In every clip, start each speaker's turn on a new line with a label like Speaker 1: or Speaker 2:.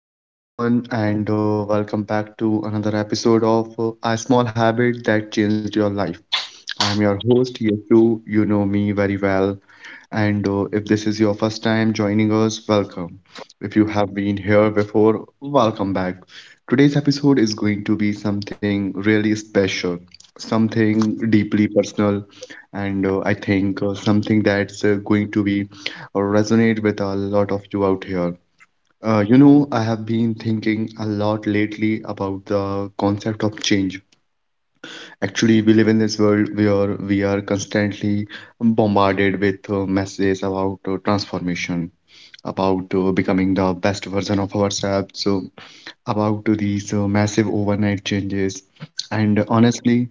Speaker 1: Hello, everyone, and welcome back to another episode of A Small Habit That Changed Your Life. I'm your host, Yetu. You know me very well. And if this is your first time joining us, welcome. If you have been here before, welcome back. Today's episode is going to be something really special, something deeply personal, and I think something that's going to be resonate with a lot of you out here. I have been thinking a lot lately about the concept of change. Actually, we live in this world where we are constantly bombarded with messages about transformation, about becoming the best version of ourselves, so about these massive overnight changes. And honestly,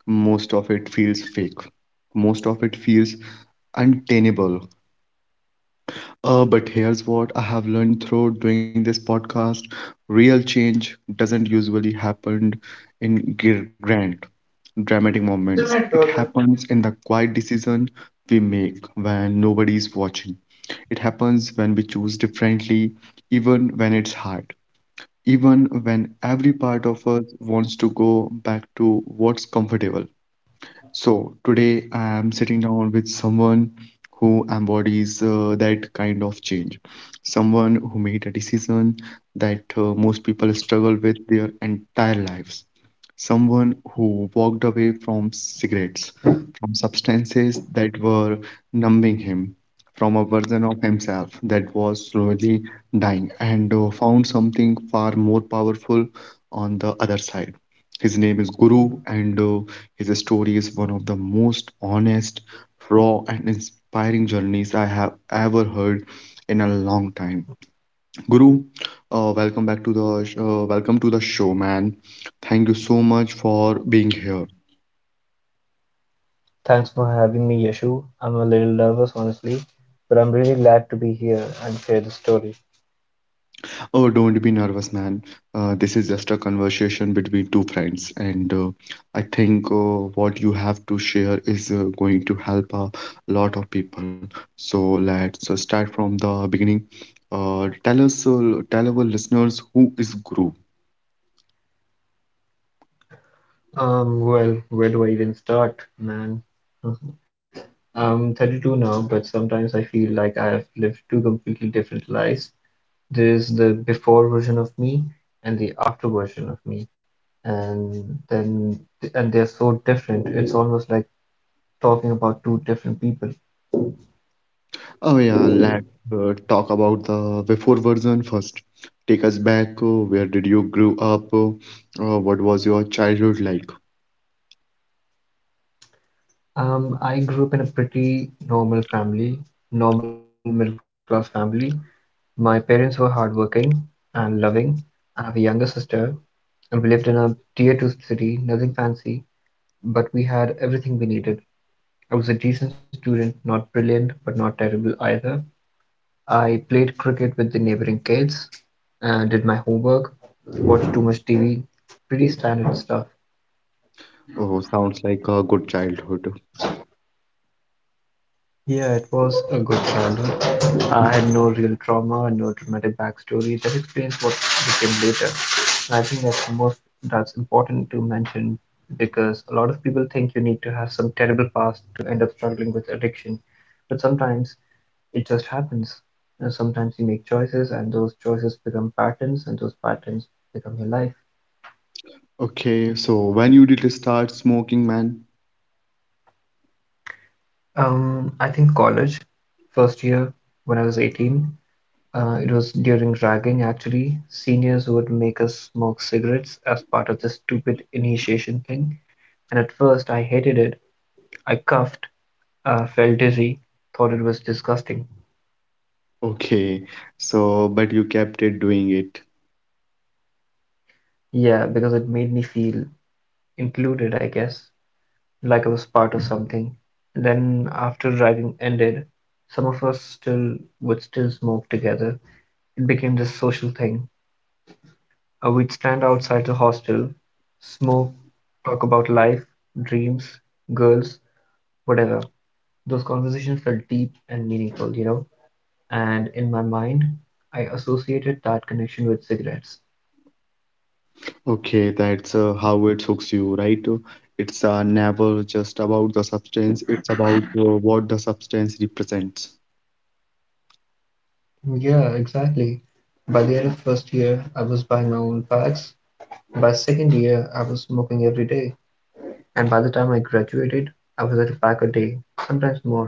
Speaker 1: most of it feels fake. Most of it feels untenable, but here's what I have learned through doing this podcast. Real change doesn't usually happen in grand, dramatic
Speaker 2: Thanks
Speaker 1: moments. It happens in the quiet decision we make when nobody is watching. It happens when we choose differently, even when it's hard, even when every part of us wants to go back to what's comfortable. So today I am sitting down with someone who embodies that kind of change, someone who made a decision that most people struggle with their entire lives, someone who walked away from cigarettes, from substances that were numbing him, from a version of himself that was slowly dying, and found something far more powerful on the other side. His name is Guru, and his story is one of the most honest, raw, and inspiring journeys I have ever heard in a long time. Guru, welcome to the show, man. Thank you so much for being here.
Speaker 2: for having me, Yashu. I'm a little nervous, honestly, but I'm really glad to be here and share the story.
Speaker 1: Oh, don't be nervous, man. This is just a conversation between two friends, and I think what you have to share is going to help a lot of people. So let's start from the beginning. Tell our listeners who is Guru.
Speaker 2: Well, where do I even start, man? Mhm. I'm 32 now, but sometimes I feel like I have lived two completely different lives. There's the before version of me and the after version of me, and then and they're so different. It's almost like talking about two different people.
Speaker 1: Oh yeah, let's talk about the before version first. Take us back. Where did you grow up? What was your childhood like?
Speaker 2: I grew up in a pretty normal family, normal middle class family. My parents were hardworking and loving. I have a younger sister, and we lived in a tier two city, nothing fancy, but we had everything we needed. I was a decent student, not brilliant, but not terrible either. I played cricket with the neighboring kids, and did my homework, watched too much TV, pretty standard stuff.
Speaker 1: Oh, sounds like a good childhood.
Speaker 2: Yeah, it was a good childhood. I had no real trauma, no dramatic backstory that explains what became later. And I think that's the most that's important to mention because a lot of people think you need to have some terrible past to end up struggling with addiction. But sometimes it just happens. And sometimes you make choices and those choices become patterns and those patterns become your life.
Speaker 1: Okay, so when you did start smoking, man?
Speaker 2: I think college, first year when I was 18. It was during ragging, actually. Seniors would make us smoke cigarettes as part of this stupid initiation thing, and at first I hated it. I coughed, felt dizzy, thought it was disgusting.
Speaker 1: Okay, so but you kept it doing it.
Speaker 2: Yeah, because it made me feel included, I guess, like I was part of something. And then after ragging ended, some of us still would still smoke together. It became this social thing. We'd stand outside the hostel, smoke, talk about life, dreams, girls, whatever. Those conversations felt deep and meaningful, and in my mind, I associated that connection with cigarettes.
Speaker 1: Okay, that's how it hooks you, right? It's never just about the substance, it's about what the substance represents.
Speaker 2: Yeah, exactly. By the end of first year, I was buying my own packs. By second year, I was smoking every day. And by the time I graduated, I was at a pack a day, sometimes more.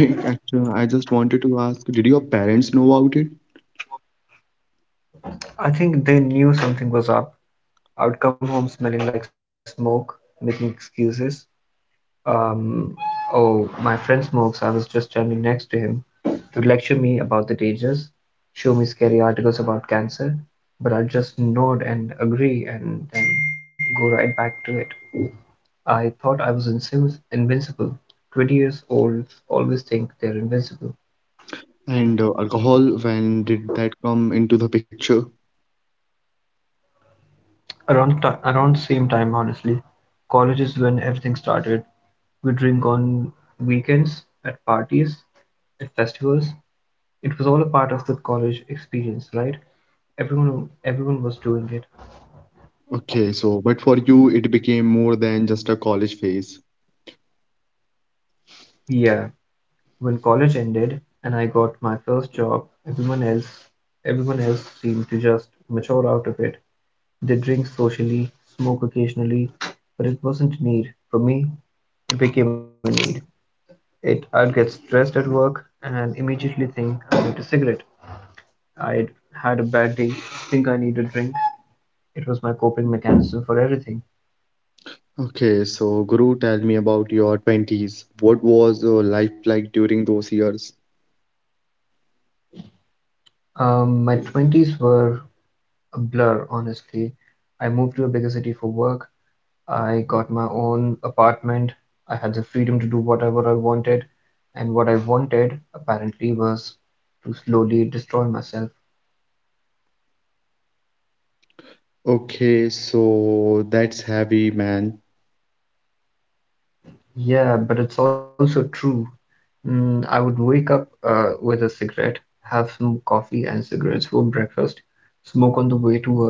Speaker 1: Actually, I just wanted to ask, did your parents know about it?
Speaker 2: I think they knew something was up. I would come home smelling like smoke, making excuses. Um, oh, my friend smokes, I was just standing next to him. To lecture me about the dangers, show me scary articles about cancer, but I'd just nod and agree and then go right back to it. I thought I was invincible. 20 years olds always think they're invincible.
Speaker 1: And alcohol, when did that come into the picture?
Speaker 2: Around same time, honestly, college is when everything started. We drink on weekends, at parties, at festivals. It was all a part of the college experience, right? Everyone was doing it.
Speaker 1: Okay, so but for you, it became more than just a college phase.
Speaker 2: Yeah, when college ended and I got my first job, everyone else seemed to just mature out of it. They drink socially, smoke occasionally, but it wasn't a need. For me, it became a need. It I'd get stressed at work and immediately think I need a cigarette. I'd had a bad day, think I need a drink. It was my coping mechanism for everything.
Speaker 1: Okay, so Guru, tell me about your 20s. What was your life like during those years?
Speaker 2: My 20s were a blur, honestly. I moved to a bigger city for work. I got my own apartment. I had the freedom to do whatever I wanted. And what I wanted, apparently, was to slowly destroy myself.
Speaker 1: Okay, so that's heavy, man.
Speaker 2: Yeah, but it's also true. I would wake up with a cigarette, have some coffee and cigarettes for breakfast, smoke on the way to work,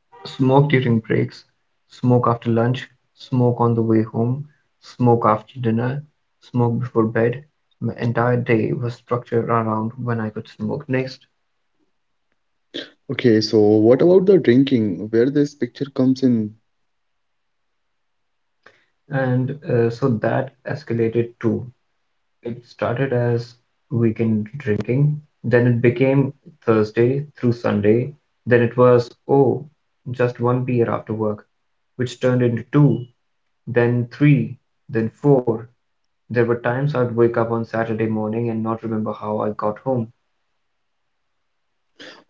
Speaker 2: smoke during breaks, smoke after lunch, smoke on the way home, smoke after dinner, smoke before bed. My entire day was structured around when I could smoke next.
Speaker 1: Okay, so what about the drinking? Where this picture comes in?
Speaker 2: And so that escalated too. It started as weekend drinking, then it became Thursday through Sunday, then it was, oh, just one beer after work, which turned into two, then three, then four. There were times I'd wake up on Saturday morning and not remember how I got home.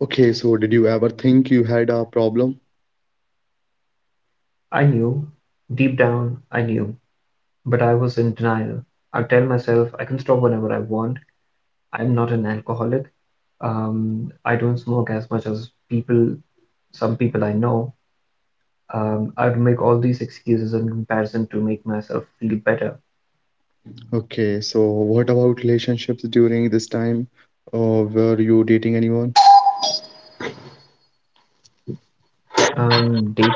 Speaker 1: Okay, so did you ever think you had a problem?
Speaker 2: I knew, deep down, I knew, but I was in denial. I'd tell myself I can stop whenever I want. I'm not an alcoholic. I don't smoke as much as some people I know. I would make all these excuses in comparison to make myself feel better.
Speaker 1: Okay, so what about relationships during this time? Were you dating anyone?
Speaker 2: Dating,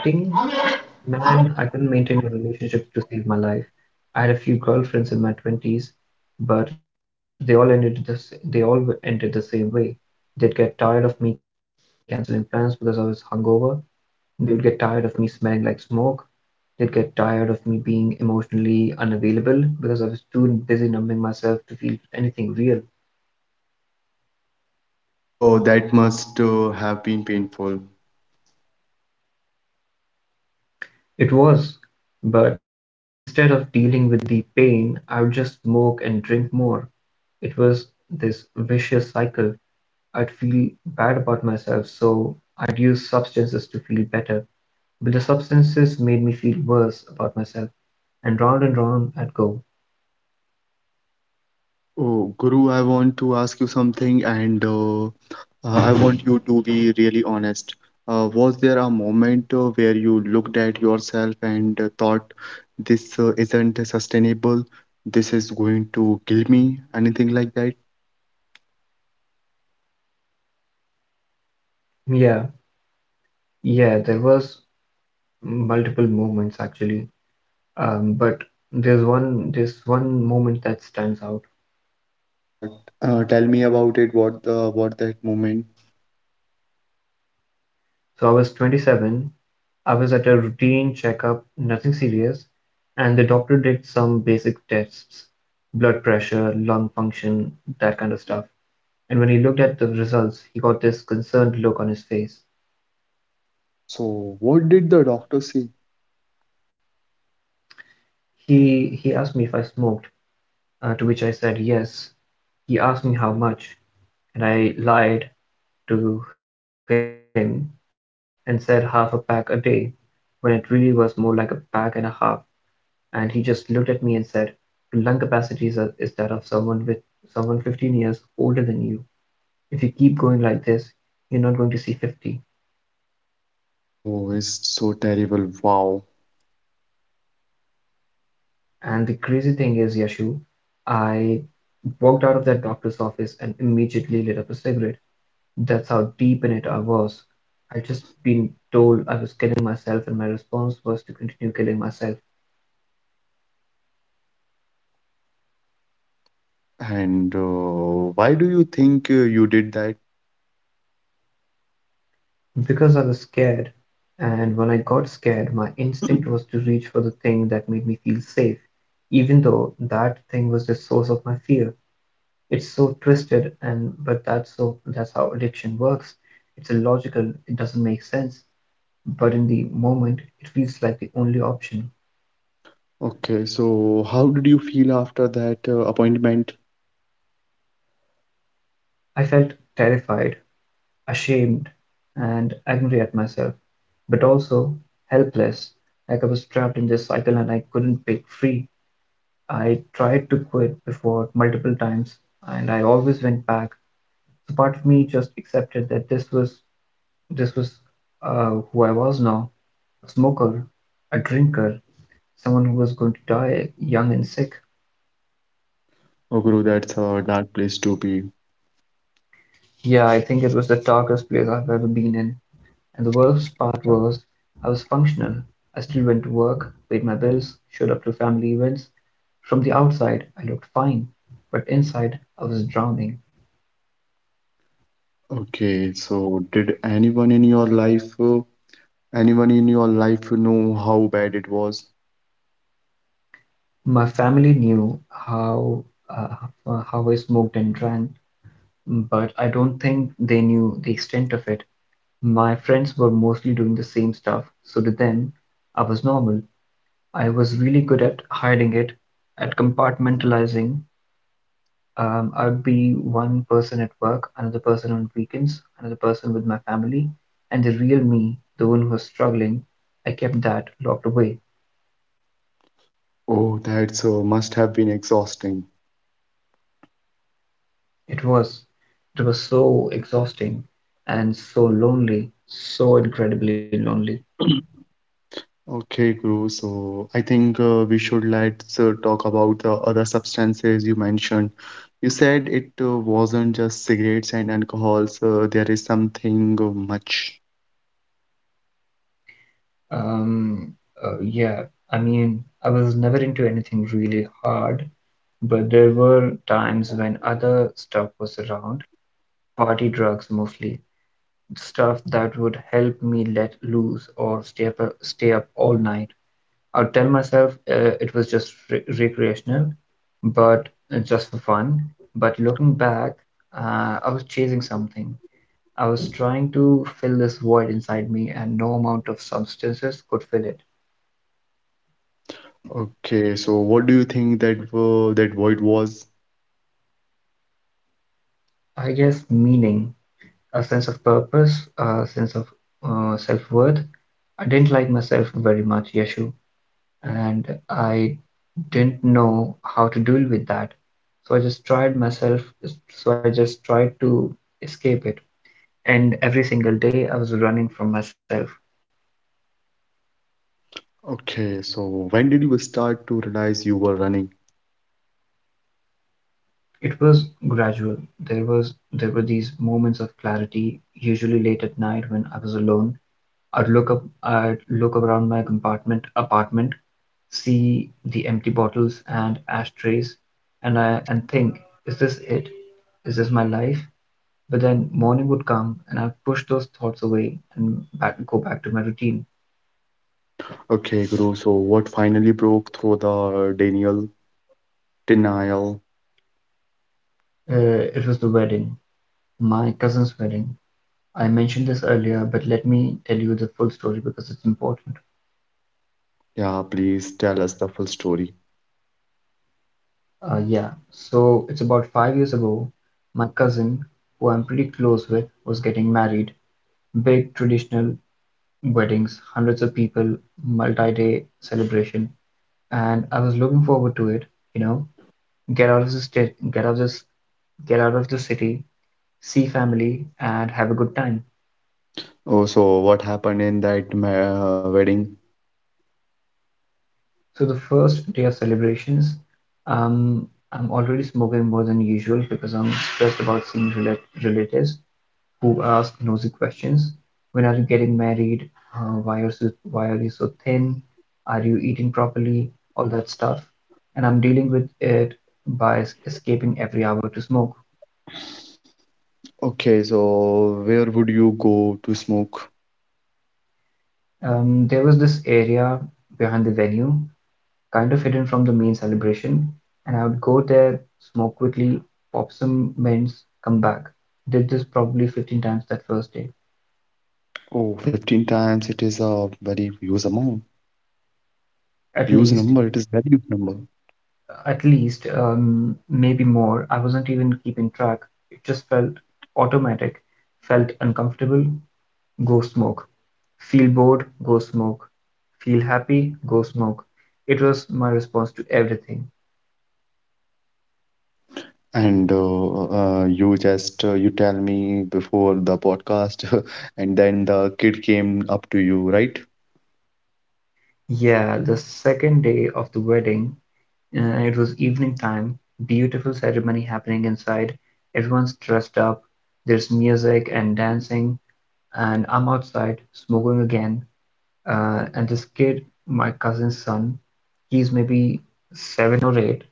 Speaker 2: man, I couldn't maintain a relationship to save my life. I had a few girlfriends in my 20s, but they all ended the same way. They'd get tired of me canceling plans because I was hungover. They'd get tired of me smelling like smoke. They'd get tired of me being emotionally unavailable because I was too busy numbing myself to feel anything real.
Speaker 1: Oh, that must have been painful.
Speaker 2: It was. But instead of dealing with the pain, I would just smoke and drink more. It was this vicious cycle. I'd feel bad about myself, so I'd use substances to feel better. But the substances made me feel worse about myself, and round I'd go.
Speaker 1: Oh, Guru, I want to ask you something, and I want you to be really honest. Was there a moment where you looked at yourself and thought, this isn't sustainable, this is going to kill me, anything like that?
Speaker 2: Yeah, yeah, there was multiple moments actually. But there's one moment that stands out.
Speaker 1: Uh, tell me about it. What that moment?
Speaker 2: So I was 27. I was at a routine checkup, nothing serious, and the doctor did some basic tests, blood pressure, lung function, that kind of stuff. And when he looked at the results, he got this concerned look on his face.
Speaker 1: So, what did the doctor say?
Speaker 2: He asked me if I smoked, to which I said yes. He asked me how much, and I lied to him and said half a pack a day, when it really was more like a bag and a half, and he just looked at me and said, "Your lung capacity is that of someone 15 years older than you. If you keep going like this, you're not going to see 50."
Speaker 1: Oh, it's so terrible. Wow.
Speaker 2: And the crazy thing is, Yashu, I walked out of that doctor's office and immediately lit up a cigarette. That's how deep in it I was. I'd just been told I was killing myself, and my response was to continue killing myself.
Speaker 1: And why do you think you did that?
Speaker 2: Because I was scared, and when I got scared, my instinct was to reach for the thing that made me feel safe, even though that thing was the source of my fear. It's so twisted, and but that's so that's how addiction works. It's illogical, it doesn't make sense, but in the moment, it feels like the only option.
Speaker 1: Okay, so how did you feel after that appointment?
Speaker 2: I felt terrified, ashamed, and angry at myself, but also helpless, like I was trapped in this cycle and I couldn't break free. I tried to quit before multiple times and I always went back. So part of me just accepted that this was who I was now, a smoker, a drinker, someone who was going to die young and sick.
Speaker 1: Oh, Guru, that's a dark place to be.
Speaker 2: Yeah, I think it was the darkest place I've ever been in. And the worst part was I was functional. I still went to work, paid my bills, showed up to family events. From the outside, I looked fine, but inside, I was drowning.
Speaker 1: Okay, so did anyone in your life, anyone in your life know how bad it was?
Speaker 2: My family knew how I smoked and drank, but I don't think they knew the extent of it. My friends were mostly doing the same stuff, so to them, I was normal. I was really good at hiding it, at compartmentalizing. I'd be one person at work, another person on weekends, another person with my family, and the real me, the one who was struggling, I kept that locked away.
Speaker 1: Oh, that's must have been exhausting.
Speaker 2: It was it was so exhausting and so lonely, so incredibly lonely.
Speaker 1: Okay, Guru. So I think we should let's talk about the other substances you mentioned. You said it wasn't just cigarettes and alcohols. There is something much.
Speaker 2: Um, yeah, I mean, I was never into anything really hard, but there were times when other stuff was around, party drugs mostly, stuff that would help me let loose or stay up all night. I would tell myself it was just recreational, but just for fun. But looking back, I was chasing something. I was trying to fill this void inside me, and no amount of substances could fill it.
Speaker 1: Okay, so what do you think that void was?
Speaker 2: I guess meaning, a sense of purpose, a sense of self-worth. I didn't like myself very much, Yeshu, and I didn't know how to deal with that. So I just tried myself, so I just tried to escape it, and every single day I was running from myself.
Speaker 1: Okay, so when did you start to realize you were running?
Speaker 2: It was gradual. There were these moments of clarity, usually late at night when I was alone. I'd look around my compartment apartment, see the empty bottles and ashtrays, and think, is this it? Is this my life? But then morning would come and I'd push those thoughts away and back go back to my routine.
Speaker 1: Okay, Guru. So what finally broke through the denial?
Speaker 2: Uh, it was the wedding, my cousin's wedding. I mentioned this earlier, but let me tell you the full story because it's important.
Speaker 1: Yeah, please tell us the full story.
Speaker 2: Yeah, so it's about 5 years ago. My cousin, who I'm pretty close with, was getting married. Big traditional weddings, hundreds of people, multi day celebration. And I was looking forward to it, you know, get out of the state, get out of this, get out of the city, see family, and have a good time.
Speaker 1: Oh, so what happened in that wedding?
Speaker 2: So the first day of celebrations, I'm already smoking more than usual because I'm stressed about seeing relatives who ask nosy questions. When are you getting married? Why are you so thin? Are you eating properly? All that stuff, and I'm dealing with it by escaping every hour to smoke.
Speaker 1: Okay, so where would you go to smoke?
Speaker 2: There was this area behind the venue kind of hidden from the main celebration. And I would go there, smoke quickly, pop some mints, come back. Did this probably 15 times that first day.
Speaker 1: Oh, 15 times, it is a very huge amount, huge
Speaker 2: At
Speaker 1: number. It is
Speaker 2: least,
Speaker 1: very huge number.
Speaker 2: at least, maybe more. I wasn't even keeping track. It just felt automatic, felt uncomfortable, go smoke. Feel bored, go smoke. Feel happy, go smoke. It was my response to everything.
Speaker 1: And you just you tell me before the podcast, and then the kid came up to you, right?
Speaker 2: Yeah, the second day of the wedding, it was evening time, beautiful ceremony happening inside. Everyone's dressed up. There's music and dancing, and I'm outside smoking again. And this kid, my cousin's son, he's maybe seven or eight.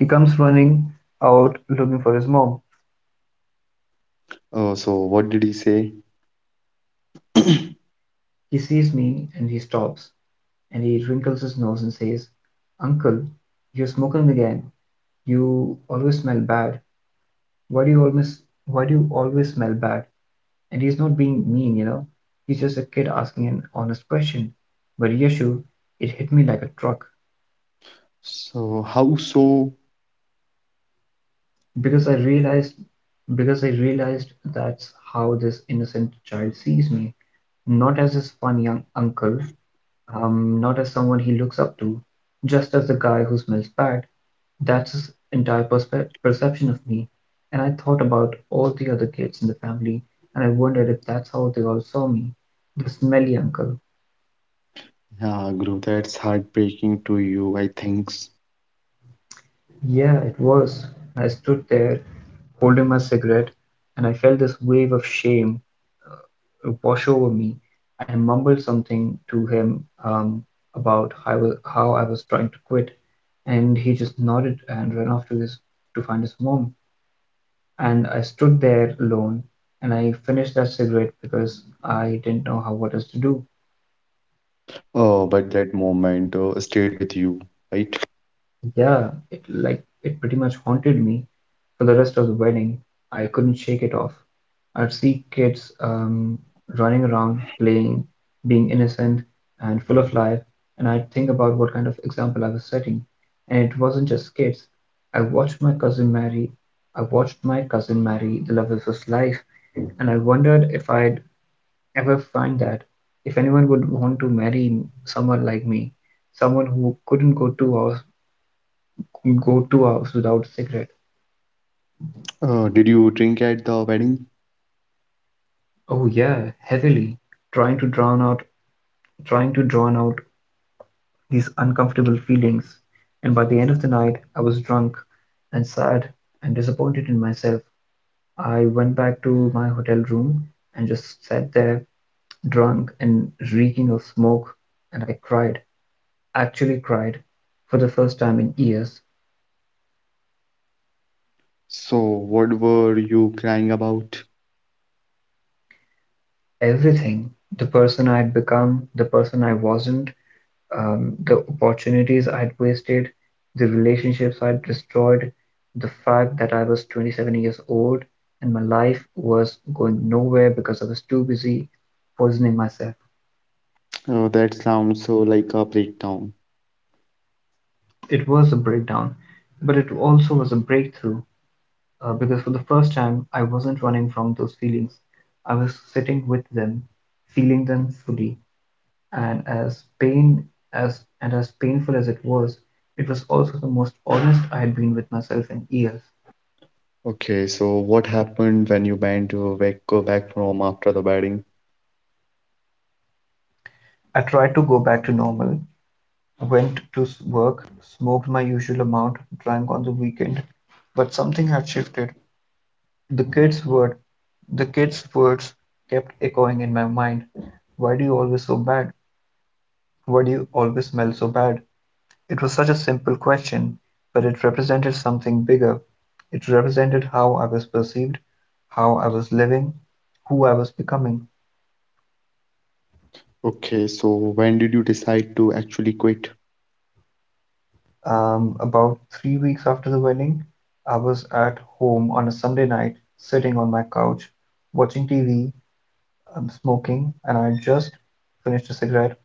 Speaker 2: He comes running out looking for his mom.
Speaker 1: So what did he say?
Speaker 2: He sees me and he stops and he wrinkles his nose and says, "Uncle, you're smoking again. You always smell bad. Why do you always smell bad?" And he's not being mean, you know. He's just a kid asking an honest question. But Yeshu, it hit me like a truck
Speaker 1: So how so?
Speaker 2: because I realized because I realized that's how this innocent child sees me, not as this fun young uncle, not as someone he looks up to, just as the guy who smells bad. That's his entire perception of me. And I thought about all the other kids in the family, and I wondered if that's how they all saw me, the smelly uncle.
Speaker 1: Yeah, Guru, that's heartbreaking to you, I think.
Speaker 2: Yeah, it was. I stood there holding my cigarette and I felt this wave of shame wash over me. I mumbled something to him about how I was trying to quit, and he just nodded and ran off to his to find his mom. And I stood there alone and I finished that cigarette because I didn't know how what else to do.
Speaker 1: But that moment stayed with you, right?
Speaker 2: Yeah, it like it pretty much haunted me for the rest of the wedding. I couldn't shake it off. I'd see kids running around, playing, being innocent and full of life, and I'd think about what kind of example I was setting. And it wasn't just kids. I watched my cousin marry. I watched my cousin marry the love of his life, and I wondered if I'd ever find that, if anyone would want to marry someone like me, someone who couldn't go two hours go 2 hours without a cigarette.
Speaker 1: Did you drink at the wedding?
Speaker 2: Oh yeah, heavily, trying to drown out trying to drown out these uncomfortable feelings. And by the end of the night I was drunk and sad and disappointed in myself. I went back to my hotel room and just sat there drunk and reeking of smoke and I cried, actually cried for the first time in years.
Speaker 1: So, what were you crying about?
Speaker 2: Everything, the person I had become, the person I wasn't, the opportunities I'd wasted, the relationships I'd destroyed, the fact that I was 27 years old and my life was going nowhere because I was too busy poisoning myself.
Speaker 1: Oh, that sounds so like a breakdown.
Speaker 2: It was a breakdown, but it also was a breakthrough because for the first time I wasn't running from those feelings. I was sitting with them, feeling them fully, and as pain as and as painful as it was also the most honest I had been with myself in years.
Speaker 1: Okay, so what happened when you went to back, go back from after the wedding?
Speaker 2: I tried to go back to normal, went to work, smoked my usual amount, drank on the weekend, but something had shifted. The kid's word, the kid's words kept echoing in my mind. Why do you always so bad? Why do you always smell so bad? It was such a simple question, but it represented something bigger. It represented how I was perceived, how I was living, who I was becoming.
Speaker 1: Okay, so when did you decide to actually quit?
Speaker 2: About 3 weeks after the wedding, I was at home on a Sunday night, sitting on my couch, watching TV, smoking, and I had just finished a cigarette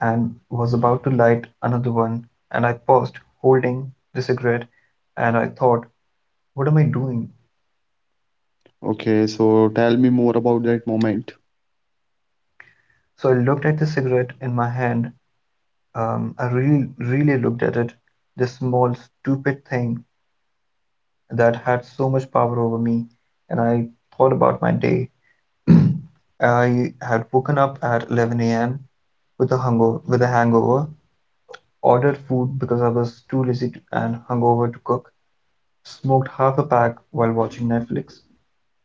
Speaker 2: and was about to light another one. And I paused, holding the cigarette, and I thought, what am I doing?
Speaker 1: Okay, so tell me more about that moment.
Speaker 2: So I looked at the cigarette in my hand. I really, really looked at it, this small, stupid thing that had so much power over me, and I thought about my day. I had woken up at 11 a.m. With a hangover, ordered food because I was too lazy to, and hungover to cook, smoked half a pack while watching Netflix.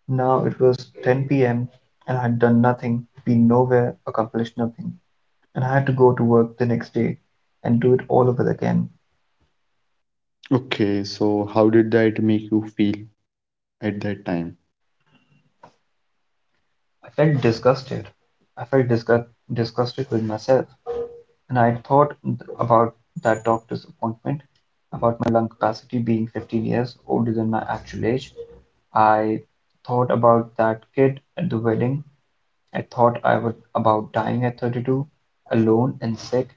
Speaker 2: Now it was 10 p.m. and I had done nothing, been nowhere, accomplished nothing, and I had to go to work the next day and do it all over again.
Speaker 1: Okay, so how did that make you feel at that time?
Speaker 2: I felt disgusted. I felt disgust disgusted with myself. And I thought about that doctor's appointment, about my lung capacity being 15 years older than my actual age. I thought about that kid at the wedding. I thought I would about dying at 32, alone and sick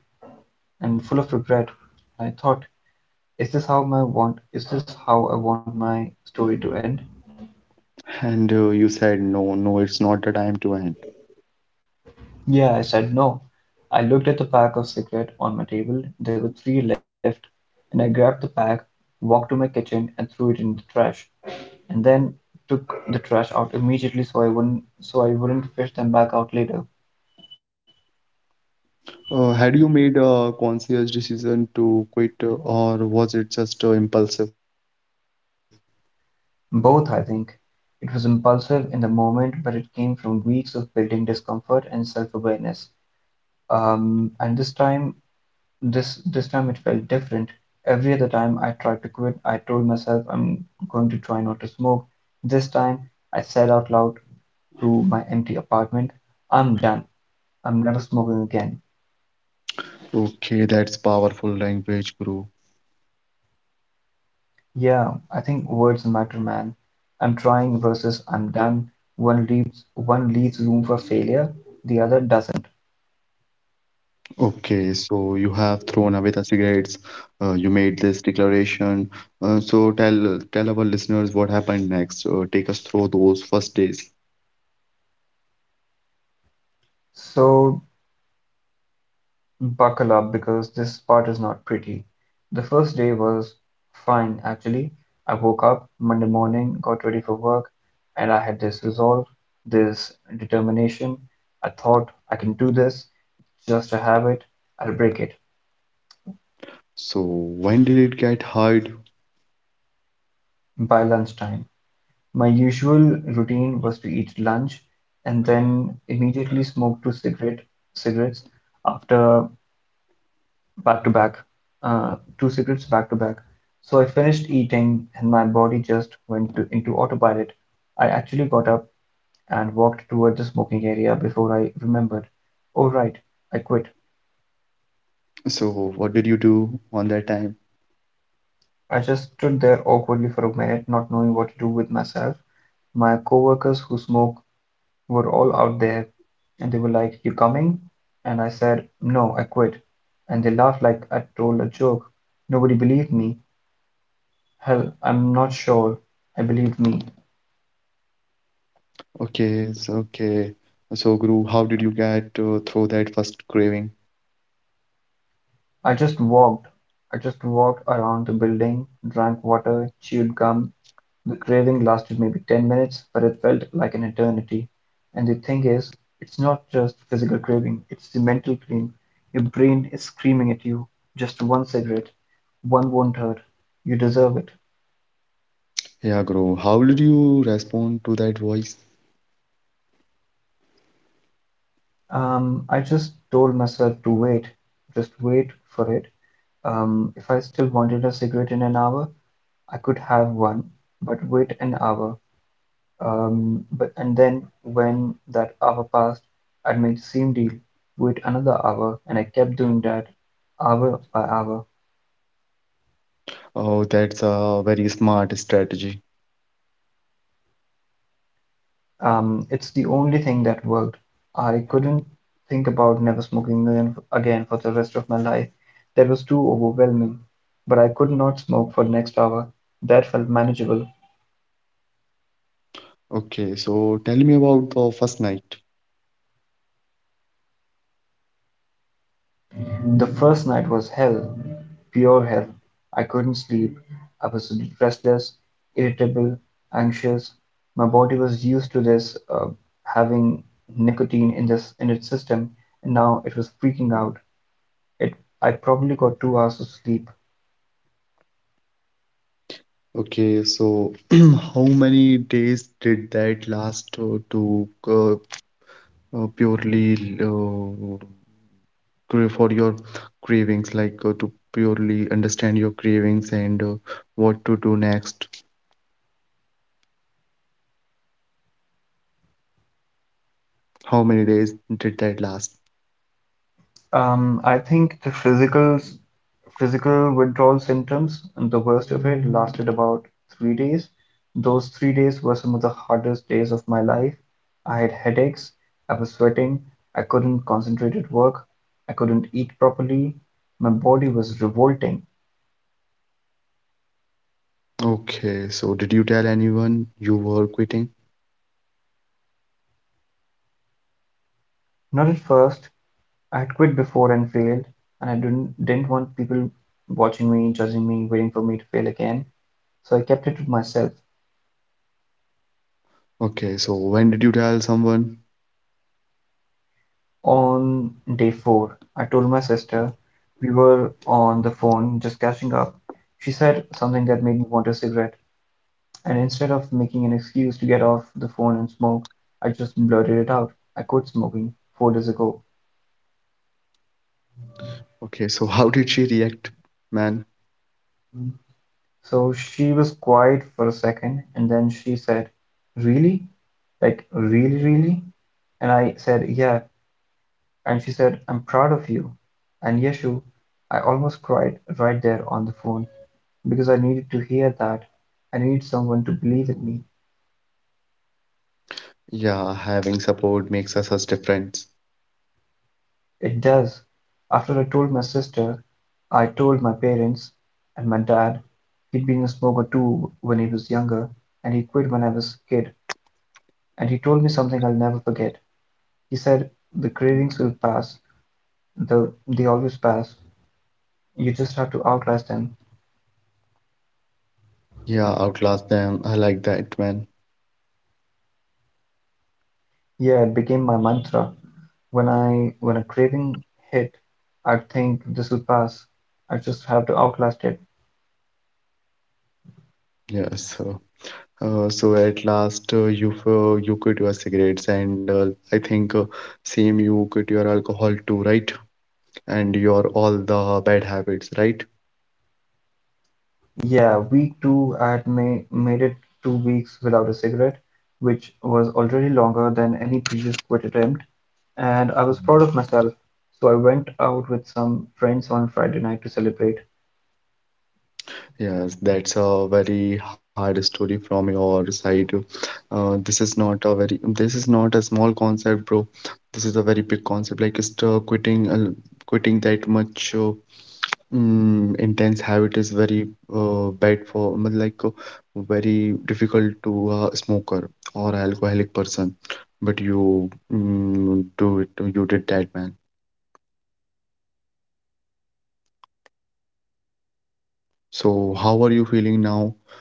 Speaker 2: and full of regret. I thought, is this how I want my story to end?
Speaker 1: And you said, no, no, it's not the time to end.
Speaker 2: Yeah, I said no. I looked at the pack of cigarette on my table. There were three left, and I grabbed the pack, walked to my kitchen and threw it in the trash. And then took the trash out immediately so I wouldn't fish them back out later.
Speaker 1: Had you made a conscious decision to quit, or was it just impulsive?
Speaker 2: Both, I think. It was impulsive in the moment, but it came from weeks of building discomfort and self-awareness. And this time it felt different. Every other time I tried to quit, I told myself I'm going to try not to smoke. This time, I said out loud to my empty apartment, I'm done. I'm never smoking again.
Speaker 1: Okay, that's powerful language, Guru.
Speaker 2: Yeah, I think words matter, man. I'm trying versus I'm done. One leaves room for failure, the other doesn't.
Speaker 1: Okay, so you have thrown away the cigarettes. You made this declaration. So tell our listeners what happened next. Take us through those first days.
Speaker 2: So buckle up because this part is not pretty. The first day was fine, actually. I woke up Monday morning, got ready for work, and I had this resolve, this determination. I thought I can do this, just a habit, I'll break it
Speaker 1: So when did it get hard?
Speaker 2: by lunchtime. My usual routine was to eat lunch and then immediately smoke two cigarette cigarettes after back to back, two cigarettes back to back. So I finished eating and my body just into autopilot. I actually got up and walked toward the smoking area before I remembered. Oh right, I quit.
Speaker 1: So what did you do on that time?
Speaker 2: I just stood there awkwardly for a minute, not knowing what to do with myself. My coworkers who smoke were all out there and they were like, you coming? And I said, no, I quit. And they laughed like I told a joke. Nobody believed me. Hell, I'm not sure I believed me.
Speaker 1: Okay, so okay. So Guru, how did you get through that first craving?
Speaker 2: I just walked. I just walked around the building, drank water, chewed gum. The craving lasted maybe 10 minutes, but it felt like an eternity. And the thing is, it's not just physical craving, it's the mental craving. Your brain is screaming at you. Just one cigarette, one won't hurt. You deserve it.
Speaker 1: Yeah, Guru, how did you respond to that voice?
Speaker 2: I just told myself to wait, just wait for it. If I still wanted a cigarette in an hour, I could have one, but wait an hour. But and then when that hour passed, I'd make the same deal, wait another hour, and I kept doing that hour by hour.
Speaker 1: Oh, that's a very smart strategy.
Speaker 2: It's the only thing that worked. I couldn't think about never smoking again, again for the rest of my life. That was too overwhelming. But I could not smoke for the next hour. That felt manageable.
Speaker 1: Okay, so tell me about the first night.
Speaker 2: The first night was hell, pure hell. I couldn't sleep. I was restless, irritable, anxious. My body was used to this, having nicotine in this in its system, and now it was freaking out. It I probably got 2 hours of sleep.
Speaker 1: Okay, so how many days did that last to purely crave for your cravings, like, to purely understand your cravings and what to do next? How many days did that last?
Speaker 2: I think the physical withdrawal symptoms and the worst of it lasted about 3 days. Those 3 days were some of the hardest days of my life. I had headaches, I was sweating, I couldn't concentrate at work, I couldn't eat properly. My body was revolting.
Speaker 1: Okay, so did you tell anyone you were quitting?
Speaker 2: Not at first, I had quit before and failed, and I didn't want people watching me, judging me, waiting for me to fail again. So I kept it to myself.
Speaker 1: Okay, so when did you tell someone?
Speaker 2: On day four, I told my sister. We were on the phone just catching up. She said something that made me want a cigarette, and instead of making an excuse to get off the phone and smoke, I just blurted it out. I quit smoking 4 days ago.
Speaker 1: Okay, so how did she react, man?
Speaker 2: Mm. So she was quiet for a second, and then she said, really? Like, really, really? And I said, yeah. And she said, I'm proud of you. And Yeshu, I almost cried right there on the phone, because I needed to hear that. I need someone to believe in me.
Speaker 1: Yeah, having support makes us difference.
Speaker 2: It does. After I told my sister, I told my parents and my dad. He'd been a smoker too when he was younger, and he quit when I was a kid. And he told me something I'll never forget. He said, the cravings will pass. They always pass. You just have to outlast them.
Speaker 1: Yeah, outlast them. I like that, man.
Speaker 2: Yeah, it became my mantra. When a craving hit, I'd think this will pass. I just have to outlast it.
Speaker 1: Yeah, so at last, you you quit your cigarettes, and I think same you quit your alcohol too, right? And your all the bad habits, right?
Speaker 2: Yeah, week two, I had ma made it 2 weeks without a cigarette, which was already longer than any previous quit attempt, and I was
Speaker 1: Mhm.
Speaker 2: proud of myself. So I went out with some friends on Friday night to celebrate.
Speaker 1: Yes, that's a very hard story from your side. This is not a very this is not a small concept, bro. This is a very big concept. Like, just quitting that much. Intense habit is very bad for, like, very difficult to a smoker or alcoholic person, but you, do it. You did that, man. So how are you feeling now,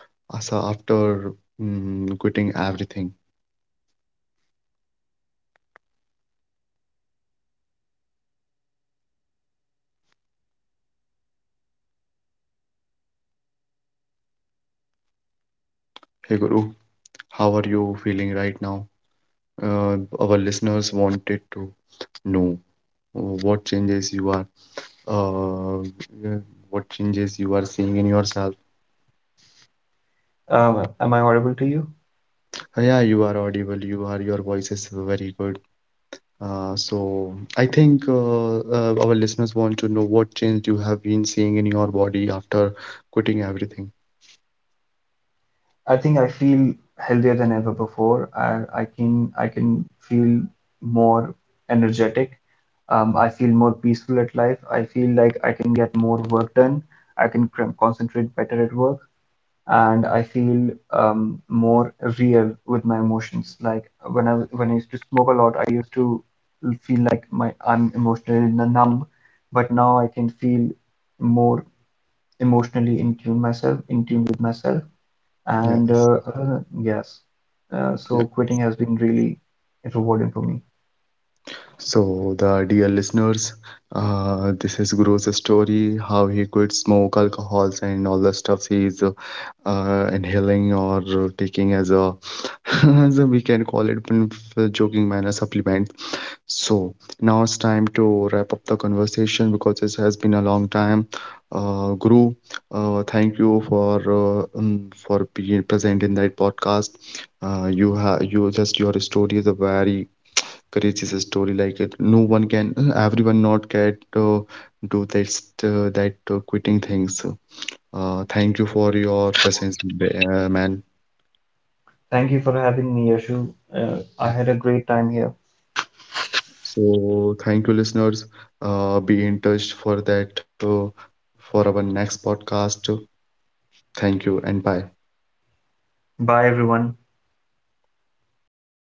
Speaker 1: Asa after quitting everything? Hey Guru, how are you feeling right now? Our listeners wanted to know, uh, what changes you are uh, yeah, what changes you are seeing in yourself?
Speaker 2: Am I audible to you?
Speaker 1: Yeah, you are audible. Your voice is very good. So I think our listeners want to know what change you have been seeing in your body after quitting everything.
Speaker 2: I think I feel healthier than ever before. I can feel more energetic. I feel more peaceful at life. I feel like I can get more work done. I can concentrate better at work. And I feel more real with my emotions. Like when I used to smoke a lot, I used to feel like my I'm emotionally numb, but now I can feel more emotionally in tune with myself,
Speaker 1: Yes.
Speaker 2: and
Speaker 1: Yeah.
Speaker 2: so quitting has been really rewarding for me.
Speaker 1: So the dear listeners, this is Guru's story, how he quit smoke, alcohols, and all the stuff he's inhaling or taking as a, as a, we can call it in a joking manner, supplement. So now it's time to wrap up the conversation because this has been a long time. Guru, thank you for being present in that podcast. You have you just your story is a very courageous story. Like, it, no one can, everyone not get do that quitting things. Thank you for your presence, man.
Speaker 2: Thank you for having me, Yashu. I had a great time here.
Speaker 1: So thank you, listeners. Be in touch for that for our next podcast. Thank you and bye.
Speaker 2: Bye, everyone.